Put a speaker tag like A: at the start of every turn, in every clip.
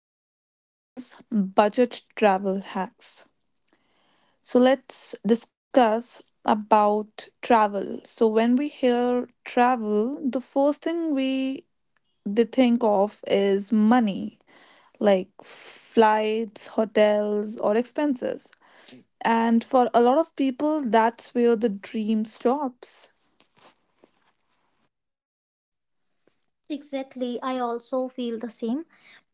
A: discuss is budget travel hacks. So, let's discuss about travel. So, when we hear travel, the first thing we they think of is money, like flights, hotels, or expenses. And for a lot of people, that's where the dream stops.
B: Exactly. I also feel the same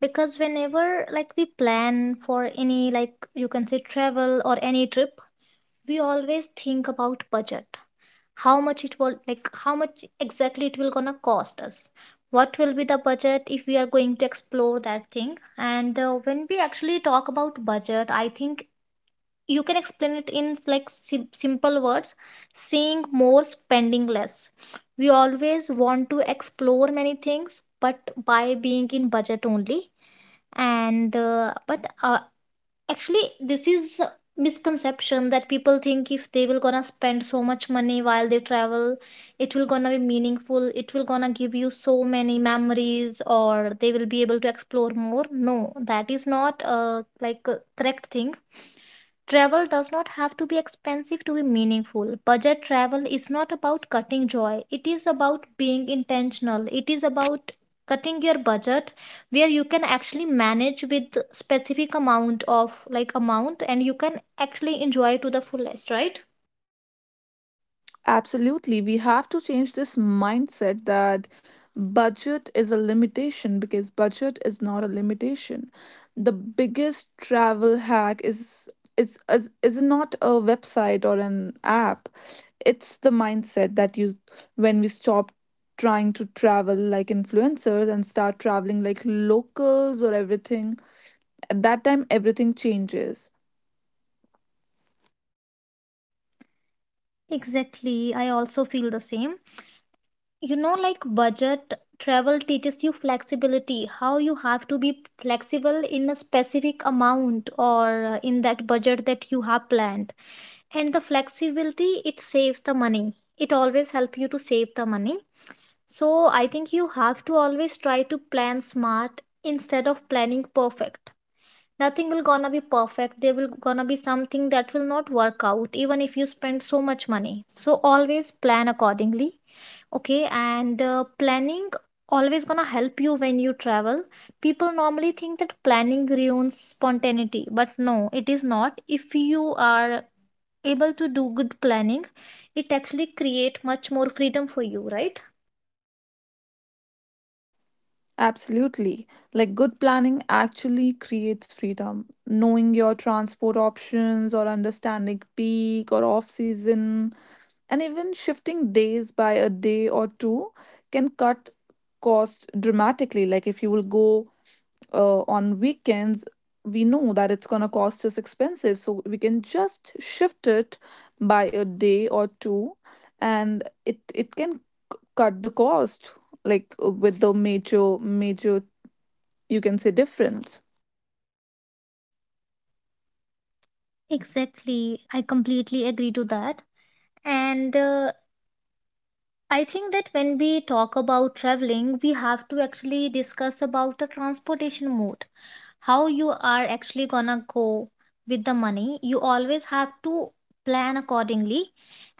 B: because whenever like we plan for any like you can say travel or any trip, we always think about budget. How much exactly it will gonna cost us. What will be the budget if we are going to explore that thing? And When we actually talk about budget, I think you can explain it in like simple words, seeing more spending less. We always want to explore many things but by being in budget only. And but Actually, this is a misconception that people think if they will gonna spend so much money while they travel, it will gonna be meaningful, it will gonna give you so many memories, or they will be able to explore more. No, that is not like a correct thing. Travel does not have to be expensive to be meaningful. Budget travel is not about cutting joy, it is about being intentional. It is about cutting your budget where you can actually manage with specific amount of amount and you can actually enjoy to the fullest, right?
A: Absolutely. We have to change this mindset that budget is a limitation because budget is not a limitation. The biggest travel hack is not a website or an app. It's the mindset that you when we stop trying to travel like influencers and start traveling like locals or everything, at that time everything changes.
B: Exactly. I also feel the same. You know, like budget travel teaches you flexibility, how you have to be flexible in a specific amount or in that budget that you have planned. And the flexibility, it saves the money, it always help you to save the money. So I think you have to always try to plan smart instead of planning perfect. Nothing will gonna be perfect, there will gonna be something that will not work out even if you spend so much money, so always plan accordingly. Okay, and Planning always gonna help you when you travel. People normally think that planning ruins spontaneity, but no, it is not. If you are able to do good planning, it actually create much more freedom for you, right?
A: Absolutely. Like, good planning actually creates freedom. Knowing your transport options or understanding peak or off season, and even shifting days by a day or two, can cut cost dramatically. Like, if you will go on weekends, we know that it's going to cost us expensive. So we can just shift it by a day or two and it can cut the cost, like, with the major you can say difference.
B: Exactly. I completely agree to that. And I think that when we talk about traveling, we have to actually discuss about the transportation mode, how you are actually gonna go. With the money, you always have to plan accordingly.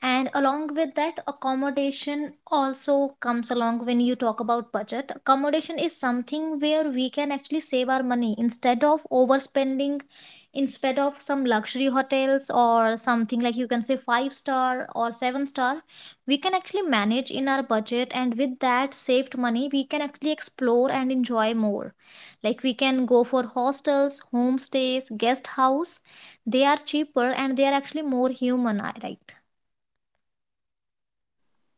B: And along with that, accommodation also comes along. When you talk about budget, accommodation is something where we can actually save our money instead of overspending, instead of some luxury hotels or something like you can say five star or seven star. We can actually manage in our budget, and with that saved money we can actually explore and enjoy more. Like we can go for hostels, homestays, guest house. They are cheaper and they are actually more human, right?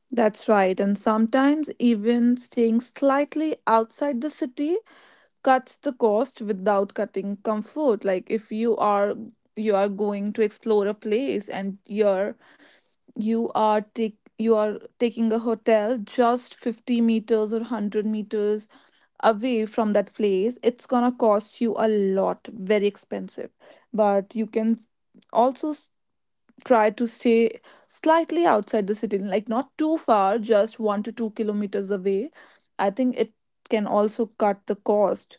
A: That's right. And sometimes even staying slightly outside the city cuts the cost without cutting comfort. Like, if you are going to explore a place and you are taking a hotel just 50 meters or 100 meters away from that place, it's gonna cost you a lot, very expensive. But you can also try to stay slightly outside the city, like not too far, just 1 to 2 kilometers away. I think it can also cut the cost.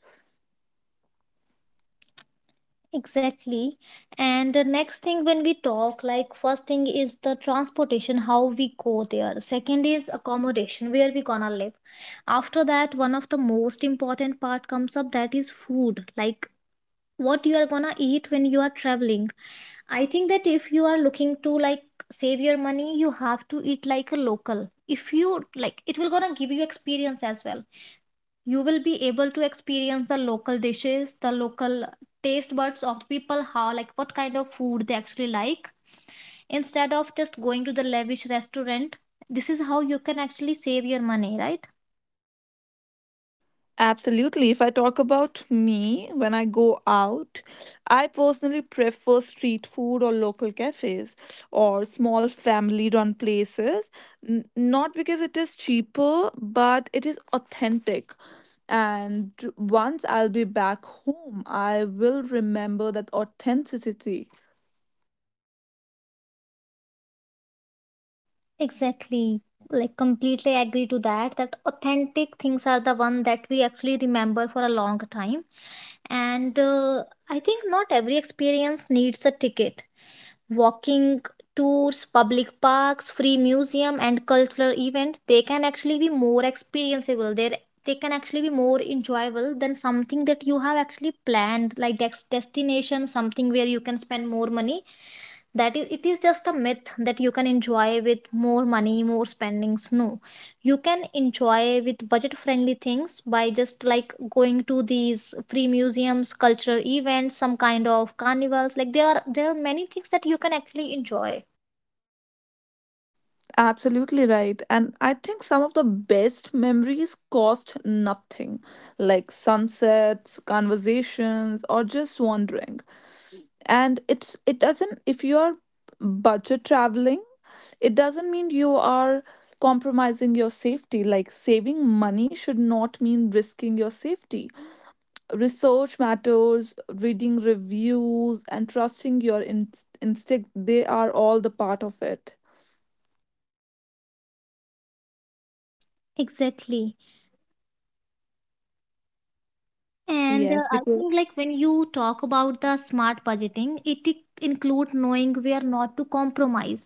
B: Exactly. And the next thing when we talk, like first thing is the transportation, how we go there. Second is accommodation, where we gonna live. After that, one of the most important part comes up, that is food, like what you are gonna eat when you are traveling. I think that if you are looking to like save your money, you have to eat like a local. If you like, it will gonna give you experience as well. You will be able to experience the local dishes, the local taste buds of people, how like what kind of food they actually like, instead of just going to the lavish restaurant. This is how you can actually save your money, right?
A: Absolutely. If I talk about me, when I go out, I personally prefer street food or local cafes or small family run places. Not because it is cheaper, but it is authentic. And once I'll be back home, I will remember that authenticity.
B: Exactly. Like completely agree to that. That authentic things are the one that we actually remember for a long time. And I think not every experience needs a ticket. Walking tours, public parks, free museum, and cultural event, they can actually be more experienceable. They can actually be more enjoyable than something that you have actually planned, like destination, something where you can spend more money. That is, it is just a myth that you can enjoy with more money, more spendings. No, you can enjoy with budget friendly things by just like going to these free museums, culture events, some kind of carnivals. Like there are many things that you can actually enjoy.
A: Absolutely right. And I think some of the best memories cost nothing, like sunsets, conversations, or just wandering. And it's it doesn't if you are budget traveling, it doesn't mean you are compromising your safety. Like, saving money should not mean risking your safety. Research matters, reading reviews, and trusting your instinct, they are all the part of it.
B: Exactly. and
A: Yes,
B: I
A: because.
B: think like when you talk about the smart budgeting, it include knowing where not to compromise.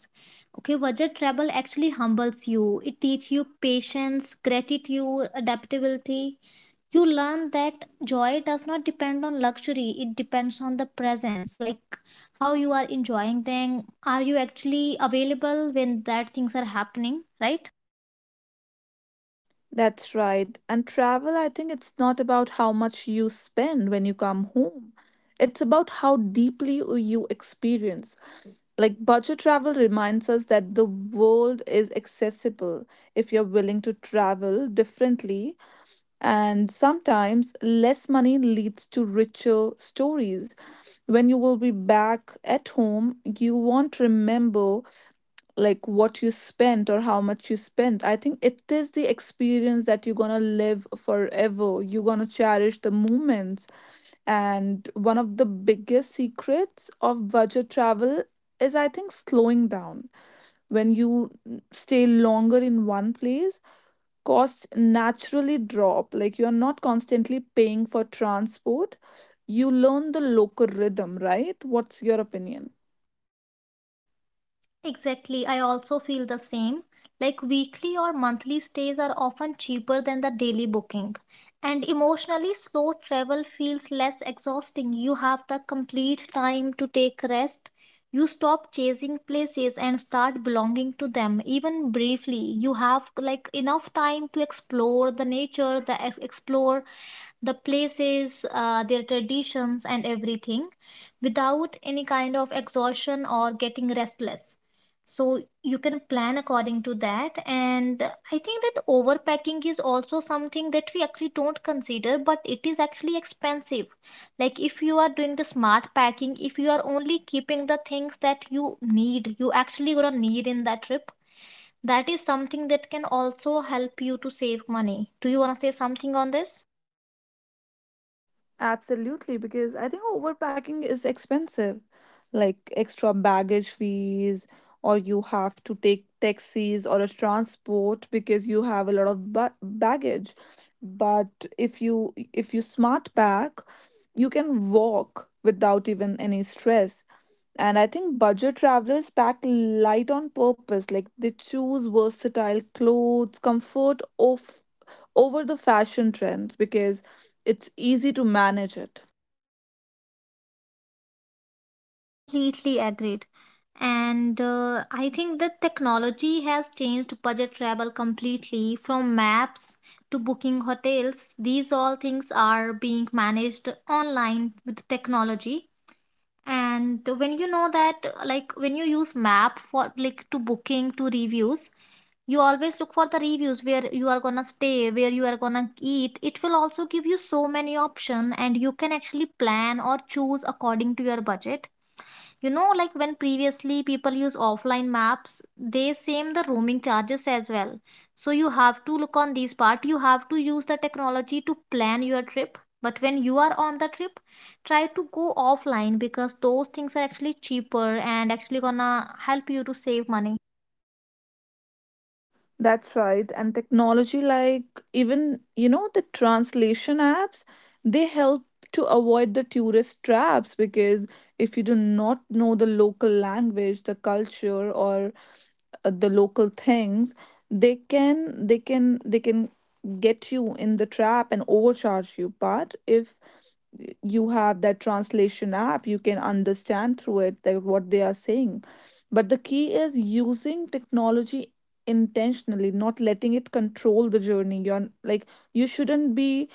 B: Okay, budget travel actually humbles you, it teach you patience, gratitude, adaptability. You learn that joy does not depend on luxury, it depends on the presence, like how you are enjoying them. Are you actually available when that things are happening? Right.
A: That's right. And travel, I think it's not about how much you spend when you come home. It's about how deeply you experience. Like, budget travel reminds us that the world is accessible if you're willing to travel differently. And sometimes less money leads to richer stories. When you will be back at home, you won't remember like what you spent or how much you spent. I think it is the experience that you're gonna live forever. You're gonna cherish the moments. And one of the biggest secrets of budget travel is, I think, slowing down. When you stay longer in one place, costs naturally drop. Like, you're not constantly paying for transport, you learn the local rhythm, right? What's your opinion?
B: Exactly, I also feel the same. Like weekly or monthly stays are often cheaper than the daily booking. And emotionally, slow travel feels less exhausting. You have the complete time to take rest. You stop chasing places and start belonging to them, even briefly. You have like enough time to explore the nature, the explore the places, their traditions, and everything without any kind of exhaustion or getting restless. So you can plan according to that. And I think that overpacking is also something that we actually don't consider, but it is actually expensive. Like if you are doing the smart packing, if you are only keeping the things that you need, you actually gonna need in that trip. That is something that can also help you to save money. Do you want to say something on this?
A: Absolutely, because I think overpacking is expensive, like extra baggage fees, or you have to take taxis or a transport because you have a lot of ba baggage. But if you smart pack, you can walk without even any stress. And I think budget travelers pack light on purpose. Like, they choose versatile clothes, comfort of, over the fashion trends, because it's easy to manage it.
B: Completely agreed. And I think the technology has changed budget travel completely, from maps to booking hotels. These all things are being managed online with technology. And when you know that, like when you use map for like to booking to reviews, you always look for the reviews where you are gonna stay, where you are gonna eat. It will also give you so many option, and you can actually plan or choose according to your budget. You know, like when previously people use offline maps, they same the roaming charges as well. So you have to look on this part. You have to use the technology to plan your trip. But when you are on the trip, try to go offline because those things are actually cheaper and actually gonna help you to save money.
A: That's right. And technology, like, even, the translation apps, they help to avoid the tourist traps, because if you do not know the local language, the culture, or the local things, they can get you in the trap and overcharge you. But if you have that translation app, you can understand through it that what they are saying. But the key is using technology intentionally, not letting it control the journey. You're like, you shouldn't be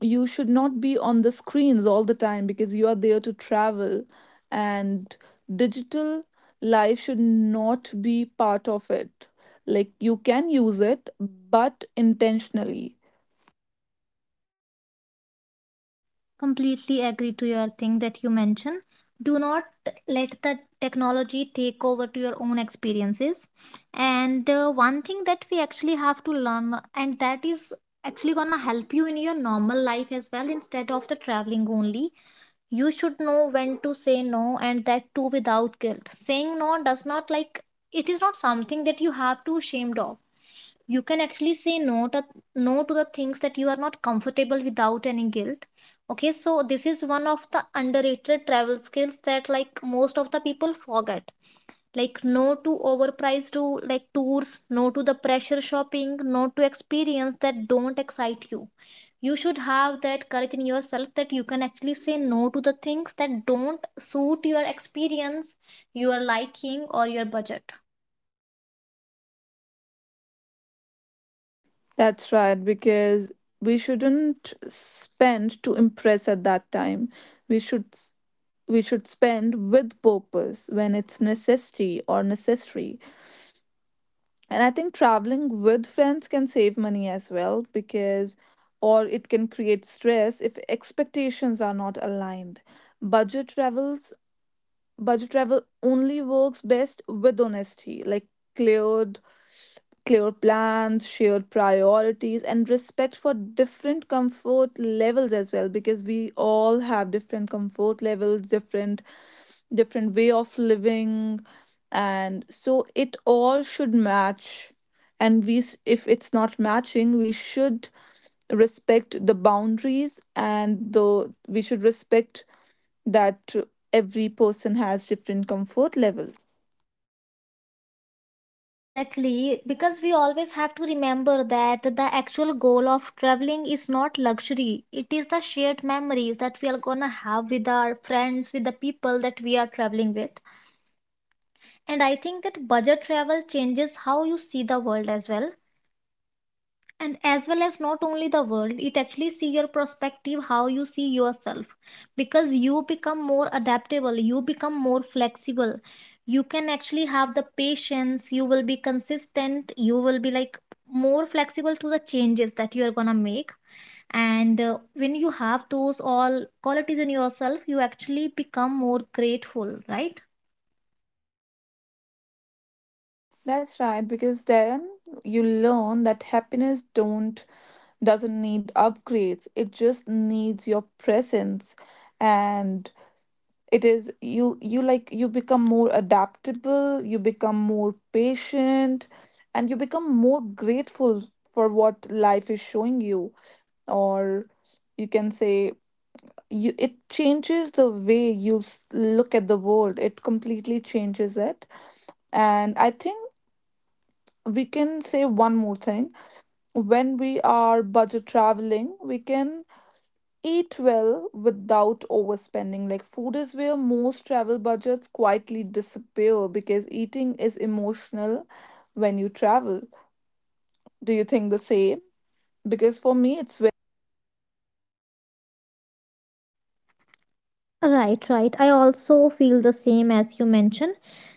A: you should not be on the screens all the time, because you are there to travel. And digital life should not be part of it. Like, you can use it, but intentionally.
B: Completely agree to your thing that you mentioned. Do not let the technology take over to your own experiences. And One thing that we actually have to learn, and that is actually gonna help you in your normal life as well instead of the traveling only, you should know when to say no, and that too without guilt. Saying no does not like, it is not something that you have to ashamed of. You can actually say no to, no to the things that you are not comfortable without any guilt. Okay, so this is one of the underrated travel skills that like most of the people forget. Like no to overpriced to like tours, no to the pressure shopping, no to experience that don't excite you. You should have that courage in yourself that you can actually say no to the things that don't suit your experience, your liking, or your budget.
A: That's right, because we shouldn't spend to impress. At that time, we should s- we should spend with purpose, when it's necessity or necessary. And I think traveling with friends can save money as well, because or it can create stress if expectations are not aligned. budget travels Budget travel only works best with honesty, like cleared clear plans, shared priorities, and respect for different comfort levels as well, because we all have different comfort levels, different way of living, and so it all should match. And if it's not matching, we should respect the boundaries. And the we should respect that every person has different comfort level.
B: Exactly, because we always have to remember that the actual goal of traveling is not luxury. It is the shared memories that we are gonna have with our friends, with the people that we are traveling with. And I think that budget travel changes how you see the world as well, and as well as not only the world, it actually see your perspective, how you see yourself. Because you become more adaptable, you become more flexible, you can actually have the patience, you will be consistent, you will be like more flexible to the changes that you are gonna make. And When you have those all qualities in yourself, you actually become more grateful, right?
A: That's right, because then you learn that happiness don't doesn't need upgrades, it just needs your presence. And it is you become more adaptable, you become more patient, and you become more grateful for what life is showing you. Or you can say, you it changes the way look at the world. It completely changes it. And I think we can say one more thing. When we are budget traveling, we can eat well without overspending. Like, food is where most travel budgets quietly disappear, because eating is emotional when you travel. Do you think the same? Because for me, it's very emotional.
B: Right, right. I also feel the same as you mentioned.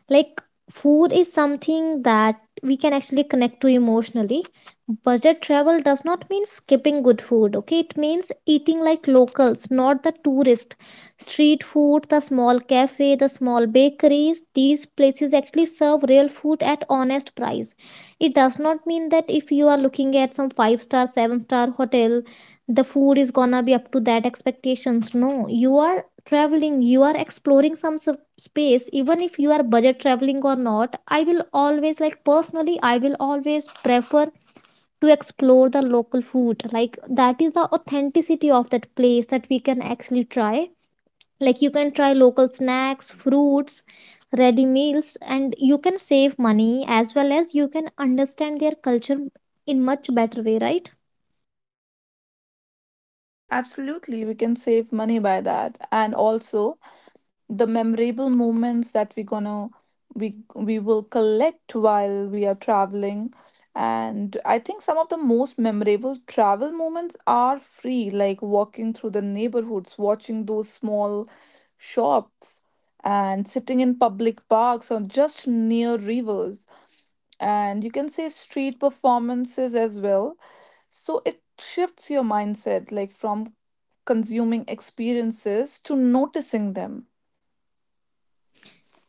B: Like, food is something that we can actually connect to emotionally. Budget travel does not mean skipping good food, okay? It means eating like locals, not the tourist. Street food, the small cafe, the small bakeries, these places actually serve real food at honest price. It does not mean that if you are looking at some five star, seven-star hotel, the food is gonna be up to that expectations. No, you are traveling, you are exploring some space, even if you are budget traveling or not, I will always like personally I will always prefer to explore the local food. Like that is the authenticity of that place that we can actually try. Like you can try local snacks, fruits, ready meals, and you can save money as well as you can understand their culture in much better way, right?
A: Absolutely, we can save money by that. And also, the memorable moments that we will collect while we are traveling. And I think some of the most memorable travel moments are free, like walking through the neighborhoods, watching those small shops, and sitting in public parks or just near rivers, and you can say street performances as well. So it shifts your mindset, like, from consuming experiences to noticing them.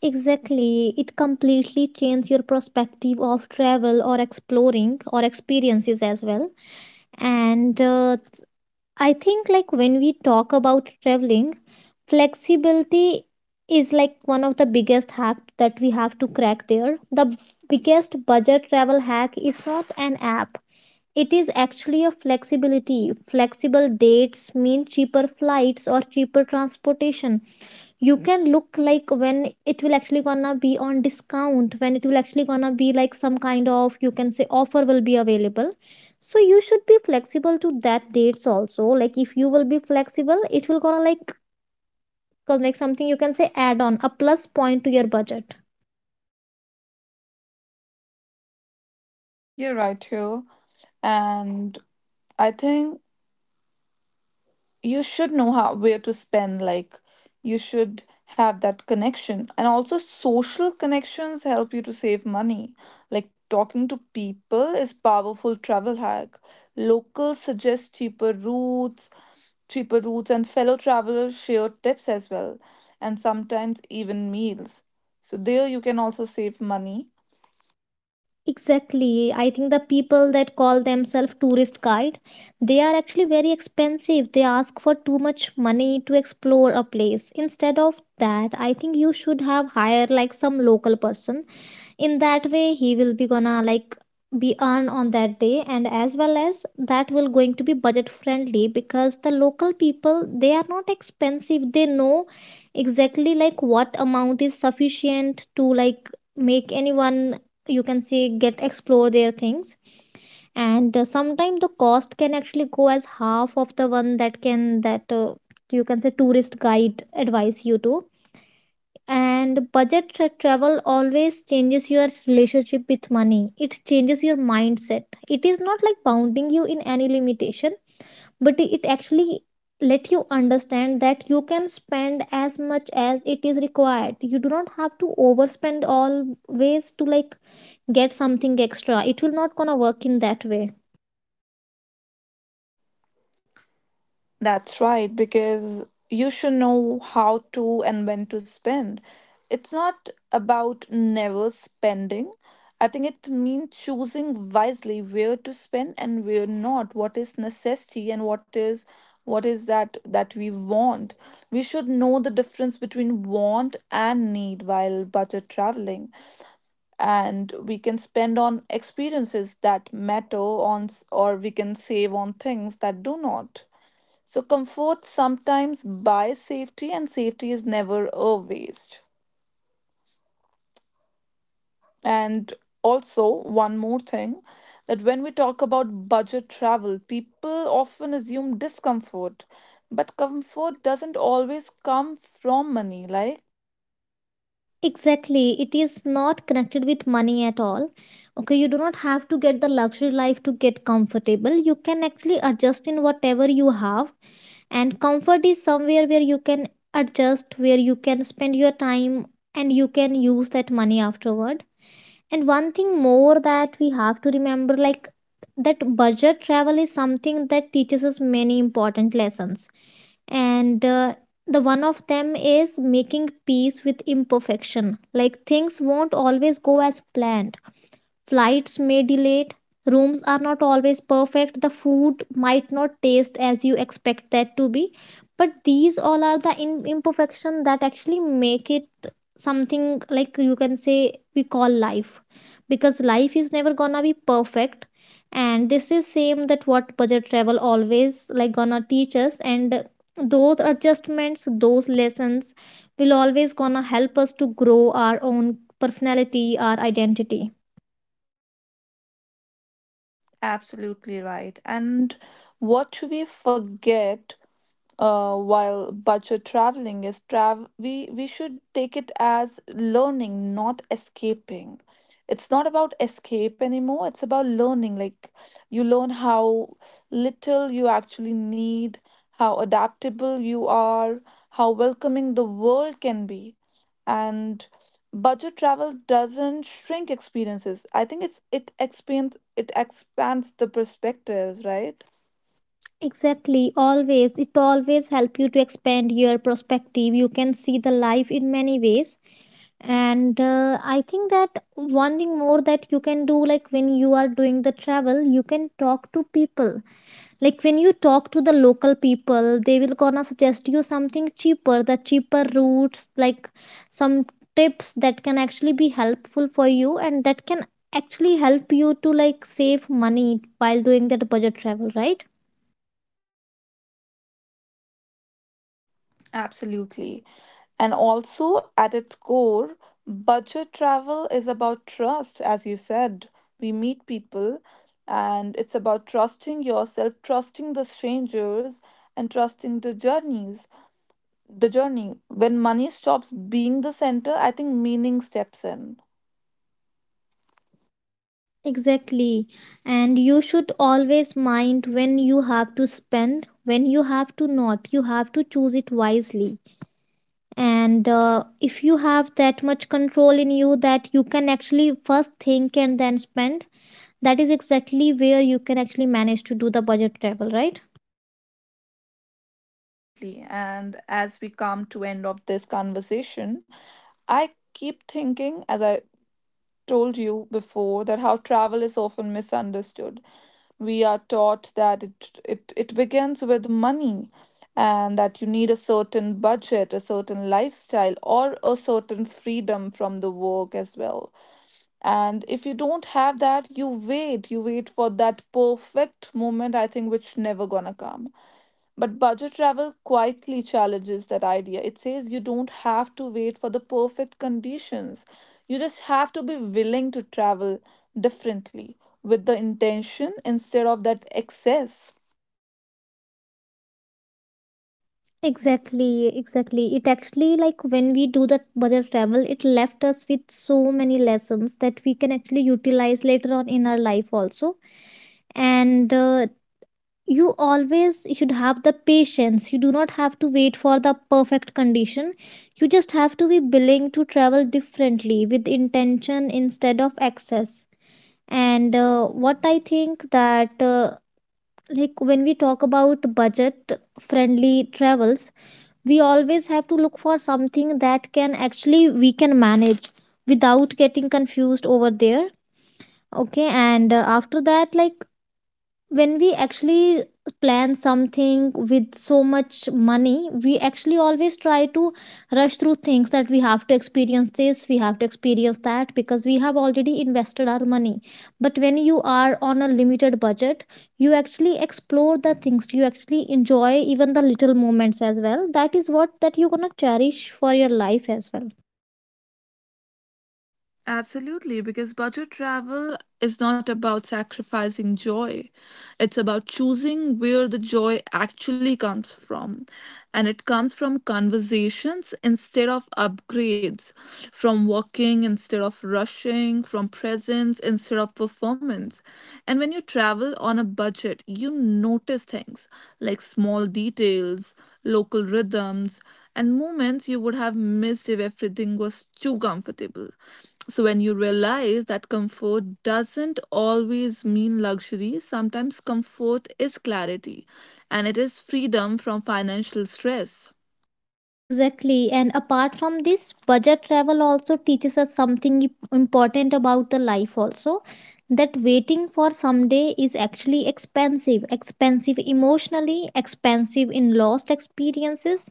B: Exactly. It completely changes your perspective of travel or exploring or experiences as well. And I think, like, when we talk about traveling, flexibility is like one of the biggest hack that we have to crack there. The biggest budget travel hack is not an app. It is actually a flexibility. Flexible dates mean cheaper flights or cheaper transportation. You can look like when it will actually gonna be on discount, when it will actually gonna be like some kind of, you can say, offer will be available, so you should be flexible to that dates also. Like if you will be flexible, it will gonna like like something, you can say, add on a plus point to your budget.
A: You're right here. And I think you should know how where to spend. Like, you should have that connection. And also, social connections help you to save money. Like, talking to people is powerful travel hack. Locals suggest cheaper routes, and fellow travelers share tips as well. And sometimes even meals. So there you can also save money.
B: Exactly, I think the people that call themselves tourist guide, they are actually very expensive. They ask for too much money to explore a place. Instead of that, I think you should have hire like some local person. In that way, he will be gonna like be earned on that day, and as well as that will going to be budget friendly, because the local people, they are not expensive. They know exactly like what amount is sufficient to like make anyone, you can say, get explore their things. And sometimes the cost can actually go as half of the one that can, that you can say tourist guide advise you to. And budget travel always changes your relationship with money. It changes your mindset. It is not like bounding you in any limitation, but it actually let you understand that you can spend as much as it is required. You do not have to overspend always to like get something extra. It will not gonna work in that way.
A: That's right, because you should know how to and when to spend. It's not about never spending. I think it means choosing wisely where to spend and where not, what is necessity and what is that that we want. We should know the difference between want and need while budget traveling. And we can spend on experiences that matter, or we can save on things that do not. So comfort sometimes buys safety, and safety is never a waste. And also, one more thing, that when we talk about budget travel, people often assume discomfort, but comfort doesn't always come from money, like, right?
B: Exactly. It is not connected with money at all. Okay, you do not have to get the luxury life to get comfortable. You can actually adjust in whatever you have. And comfort is somewhere where you can adjust, where you can spend your time, and you can use that money afterward. And one thing more that we have to remember, like, that budget travel is something that teaches us many important lessons. And the one of them is making peace with imperfection. Like, things won't always go as planned. Flights may delay. Rooms are not always perfect. The food might not taste as you expect that to be. But these all are the imperfection that actually make it something like, you can say, we call life, because life is never gonna be perfect. And this is same that what budget travel always like gonna teach us. And those adjustments, those lessons will always gonna help us to grow our own personality, our identity.
A: Absolutely right. And what we forget, while budget traveling, is trav we should take it as learning, not escaping. It's not about escape anymore. It's about learning. Like, you learn how little you actually need, how adaptable you are, how welcoming the world can be. And budget travel doesn't shrink experiences. I think it expands the perspectives, right?
B: Exactly, always. It always help you to expand your perspective. You can see the life in many ways. And I think that one thing more that you can do, like when you are doing the travel, you can talk to people. Like when you talk to the local people, they will gonna suggest you something cheaper, the cheaper routes, like some tips that can actually be helpful for you, and that can actually help you to like save money while doing that budget travel, right?
A: Absolutely. And also, at its core, budget travel is about trust, as you said. We meet people, and it's about trusting yourself, trusting the strangers, and trusting the journeys. The journey. When money stops being the center, I think meaning steps in.
B: Exactly. And you should always mind when you have to spend, when you have to not. You have to choose it wisely. And if you have that much control in you that you can actually first think and then spend, that is exactly where you can actually manage to do the budget travel, right?
A: Completely. And as we come to end of this conversation, I keep thinking, as I told you before, that how travel is often misunderstood. We are taught that it begins with money, and that you need a certain budget, a certain lifestyle, or a certain freedom from the work as well. And if you don't have that, you wait. You wait for that perfect moment, I think, which never gonna come. But budget travel quietly challenges that idea. It says you don't have to wait for the perfect conditions. You just have to be willing to travel differently, with the intention instead of that excess.
B: Exactly, exactly. It actually, like, when we do the budget travel, it left us with so many lessons that we can actually utilize later on in our life also. And you always should have the patience. You do not have to wait for the perfect condition. You just have to be willing to travel differently with intention instead of excess. And what I think, that like when we talk about budget friendly travels, we always have to look for something that can actually we can manage without getting confused over there. Okay, and after that, like when we actually plan something with so much money, we actually always try to rush through things, that we have to experience this, we have to experience that, because we have already invested our money. But when you are on a limited budget, you actually explore the things, you actually enjoy even the little moments as well. That is what that you're gonna cherish for your life as well.
A: Absolutely, because budget travel is not about sacrificing joy. It's about choosing where the joy actually comes from. And it comes from conversations instead of upgrades, from walking instead of rushing, from presence instead of performance. And when you travel on a budget, you notice things like small details, local rhythms, and moments you would have missed if everything was too comfortable. So, when you realize that comfort doesn't always mean luxury, sometimes comfort is clarity, and it is freedom from financial stress.
B: Exactly. And apart from this, budget travel also teaches us something important about the life also, that waiting for someday is actually expensive, expensive emotionally, expensive in lost experiences.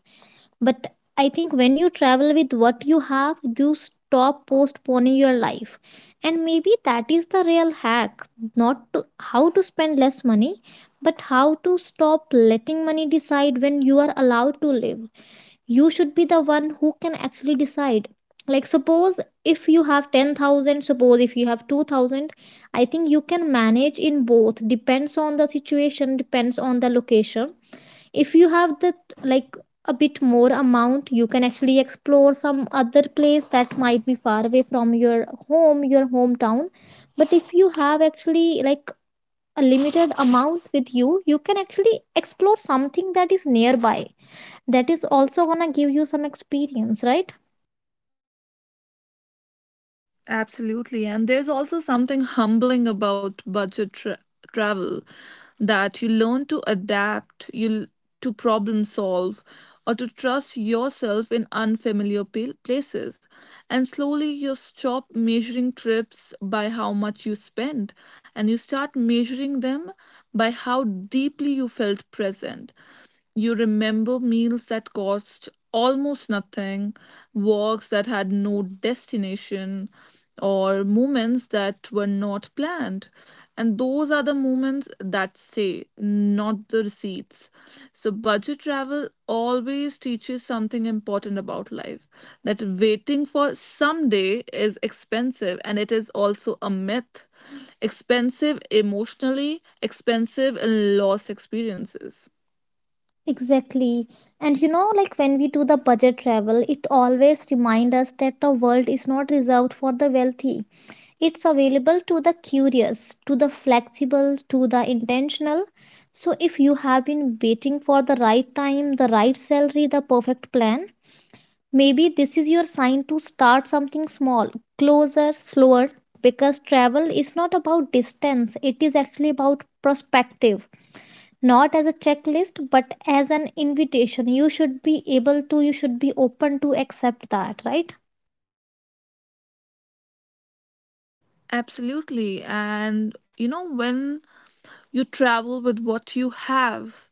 B: But I think when you travel with what you have, you stop postponing your life. And maybe that is the real hack, not to how to spend less money, but how to stop letting money decide when you are allowed to live. You should be the one who can actually decide. Like, suppose if you have 10,000, suppose if you have 2,000, I think you can manage in both. Depends on the situation, depends on the location. If you have the like a bit more amount, you can actually explore some other place that might be far away from your home, your hometown. But if you have actually like a limited amount with you, you can actually explore something that is nearby. That is also gonna give you some experience, right?
A: Absolutely. And there's also something humbling about budget travel, that you learn to adapt, to problem solve, or to trust yourself in unfamiliar places. And slowly you stop measuring trips by how much you spend, and you start measuring them by how deeply you felt present. You remember meals that cost almost nothing, walks that had no destination, or moments that were not planned. And those are the moments that stay, not the receipts. So, budget travel always teaches something important about life, that waiting for someday is expensive, and it is also a myth. Expensive emotionally, expensive in lost experiences.
B: Exactly. And you know, like when we do the budget travel, it always reminds us that the world is not reserved for the wealthy. It's available to the curious, to the flexible, to the intentional. So if you have been waiting for the right time, the right salary, the perfect plan, maybe this is your sign to start something small, closer, slower, because travel is not about distance, it is actually about perspective. Not as a checklist, but as an invitation. You should be able to, you should be open to accept that, right?
A: Absolutely. And when you travel with what you have,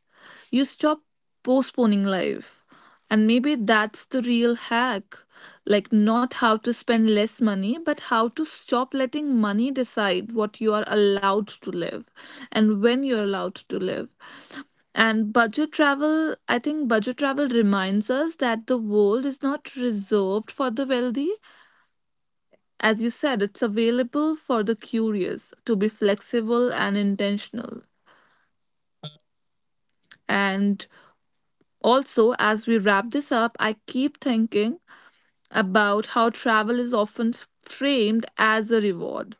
A: you stop postponing life. And maybe that's the real hack. Like, not how to spend less money, but how to stop letting money decide what you are allowed to live and when you're allowed to live. And budget travel, I think budget travel reminds us that the world is not reserved for the wealthy, as you said, it's available for the curious, to be flexible and intentional. And also, as we wrap this up, I keep thinking about how travel is often framed as a reward,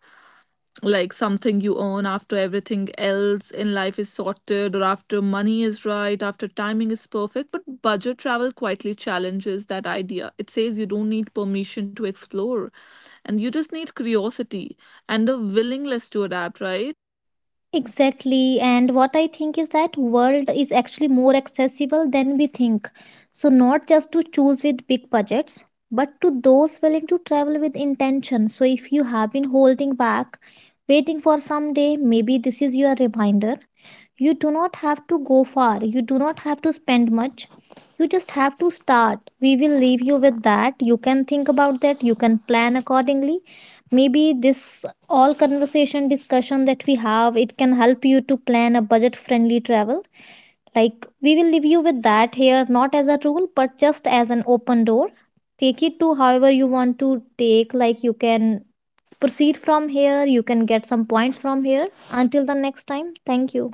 A: like something you earn after everything else in life is sorted, or after money is right, after timing is perfect. But budget travel quietly challenges that idea. It says you don't need permission to explore, and you just need curiosity and a willingness to adapt, right?
B: Exactly. And what I think is that world is actually more accessible than we think, so not just to choose with big budgets, but to those willing to travel with intention. So if you have been holding back waiting for some day, maybe this is your reminder. You do not have to go far, you do not have to spend much, you just have to start. We will leave you with that. You can think about that, you can plan accordingly. Maybe this all conversation, discussion that we have, it can help you to plan a budget friendly travel. Like we will leave you with that here, not as a rule, but just as an open door. Take it to however you want to take. Like you can proceed from here, you can get some points from here. Until the next time, thank you.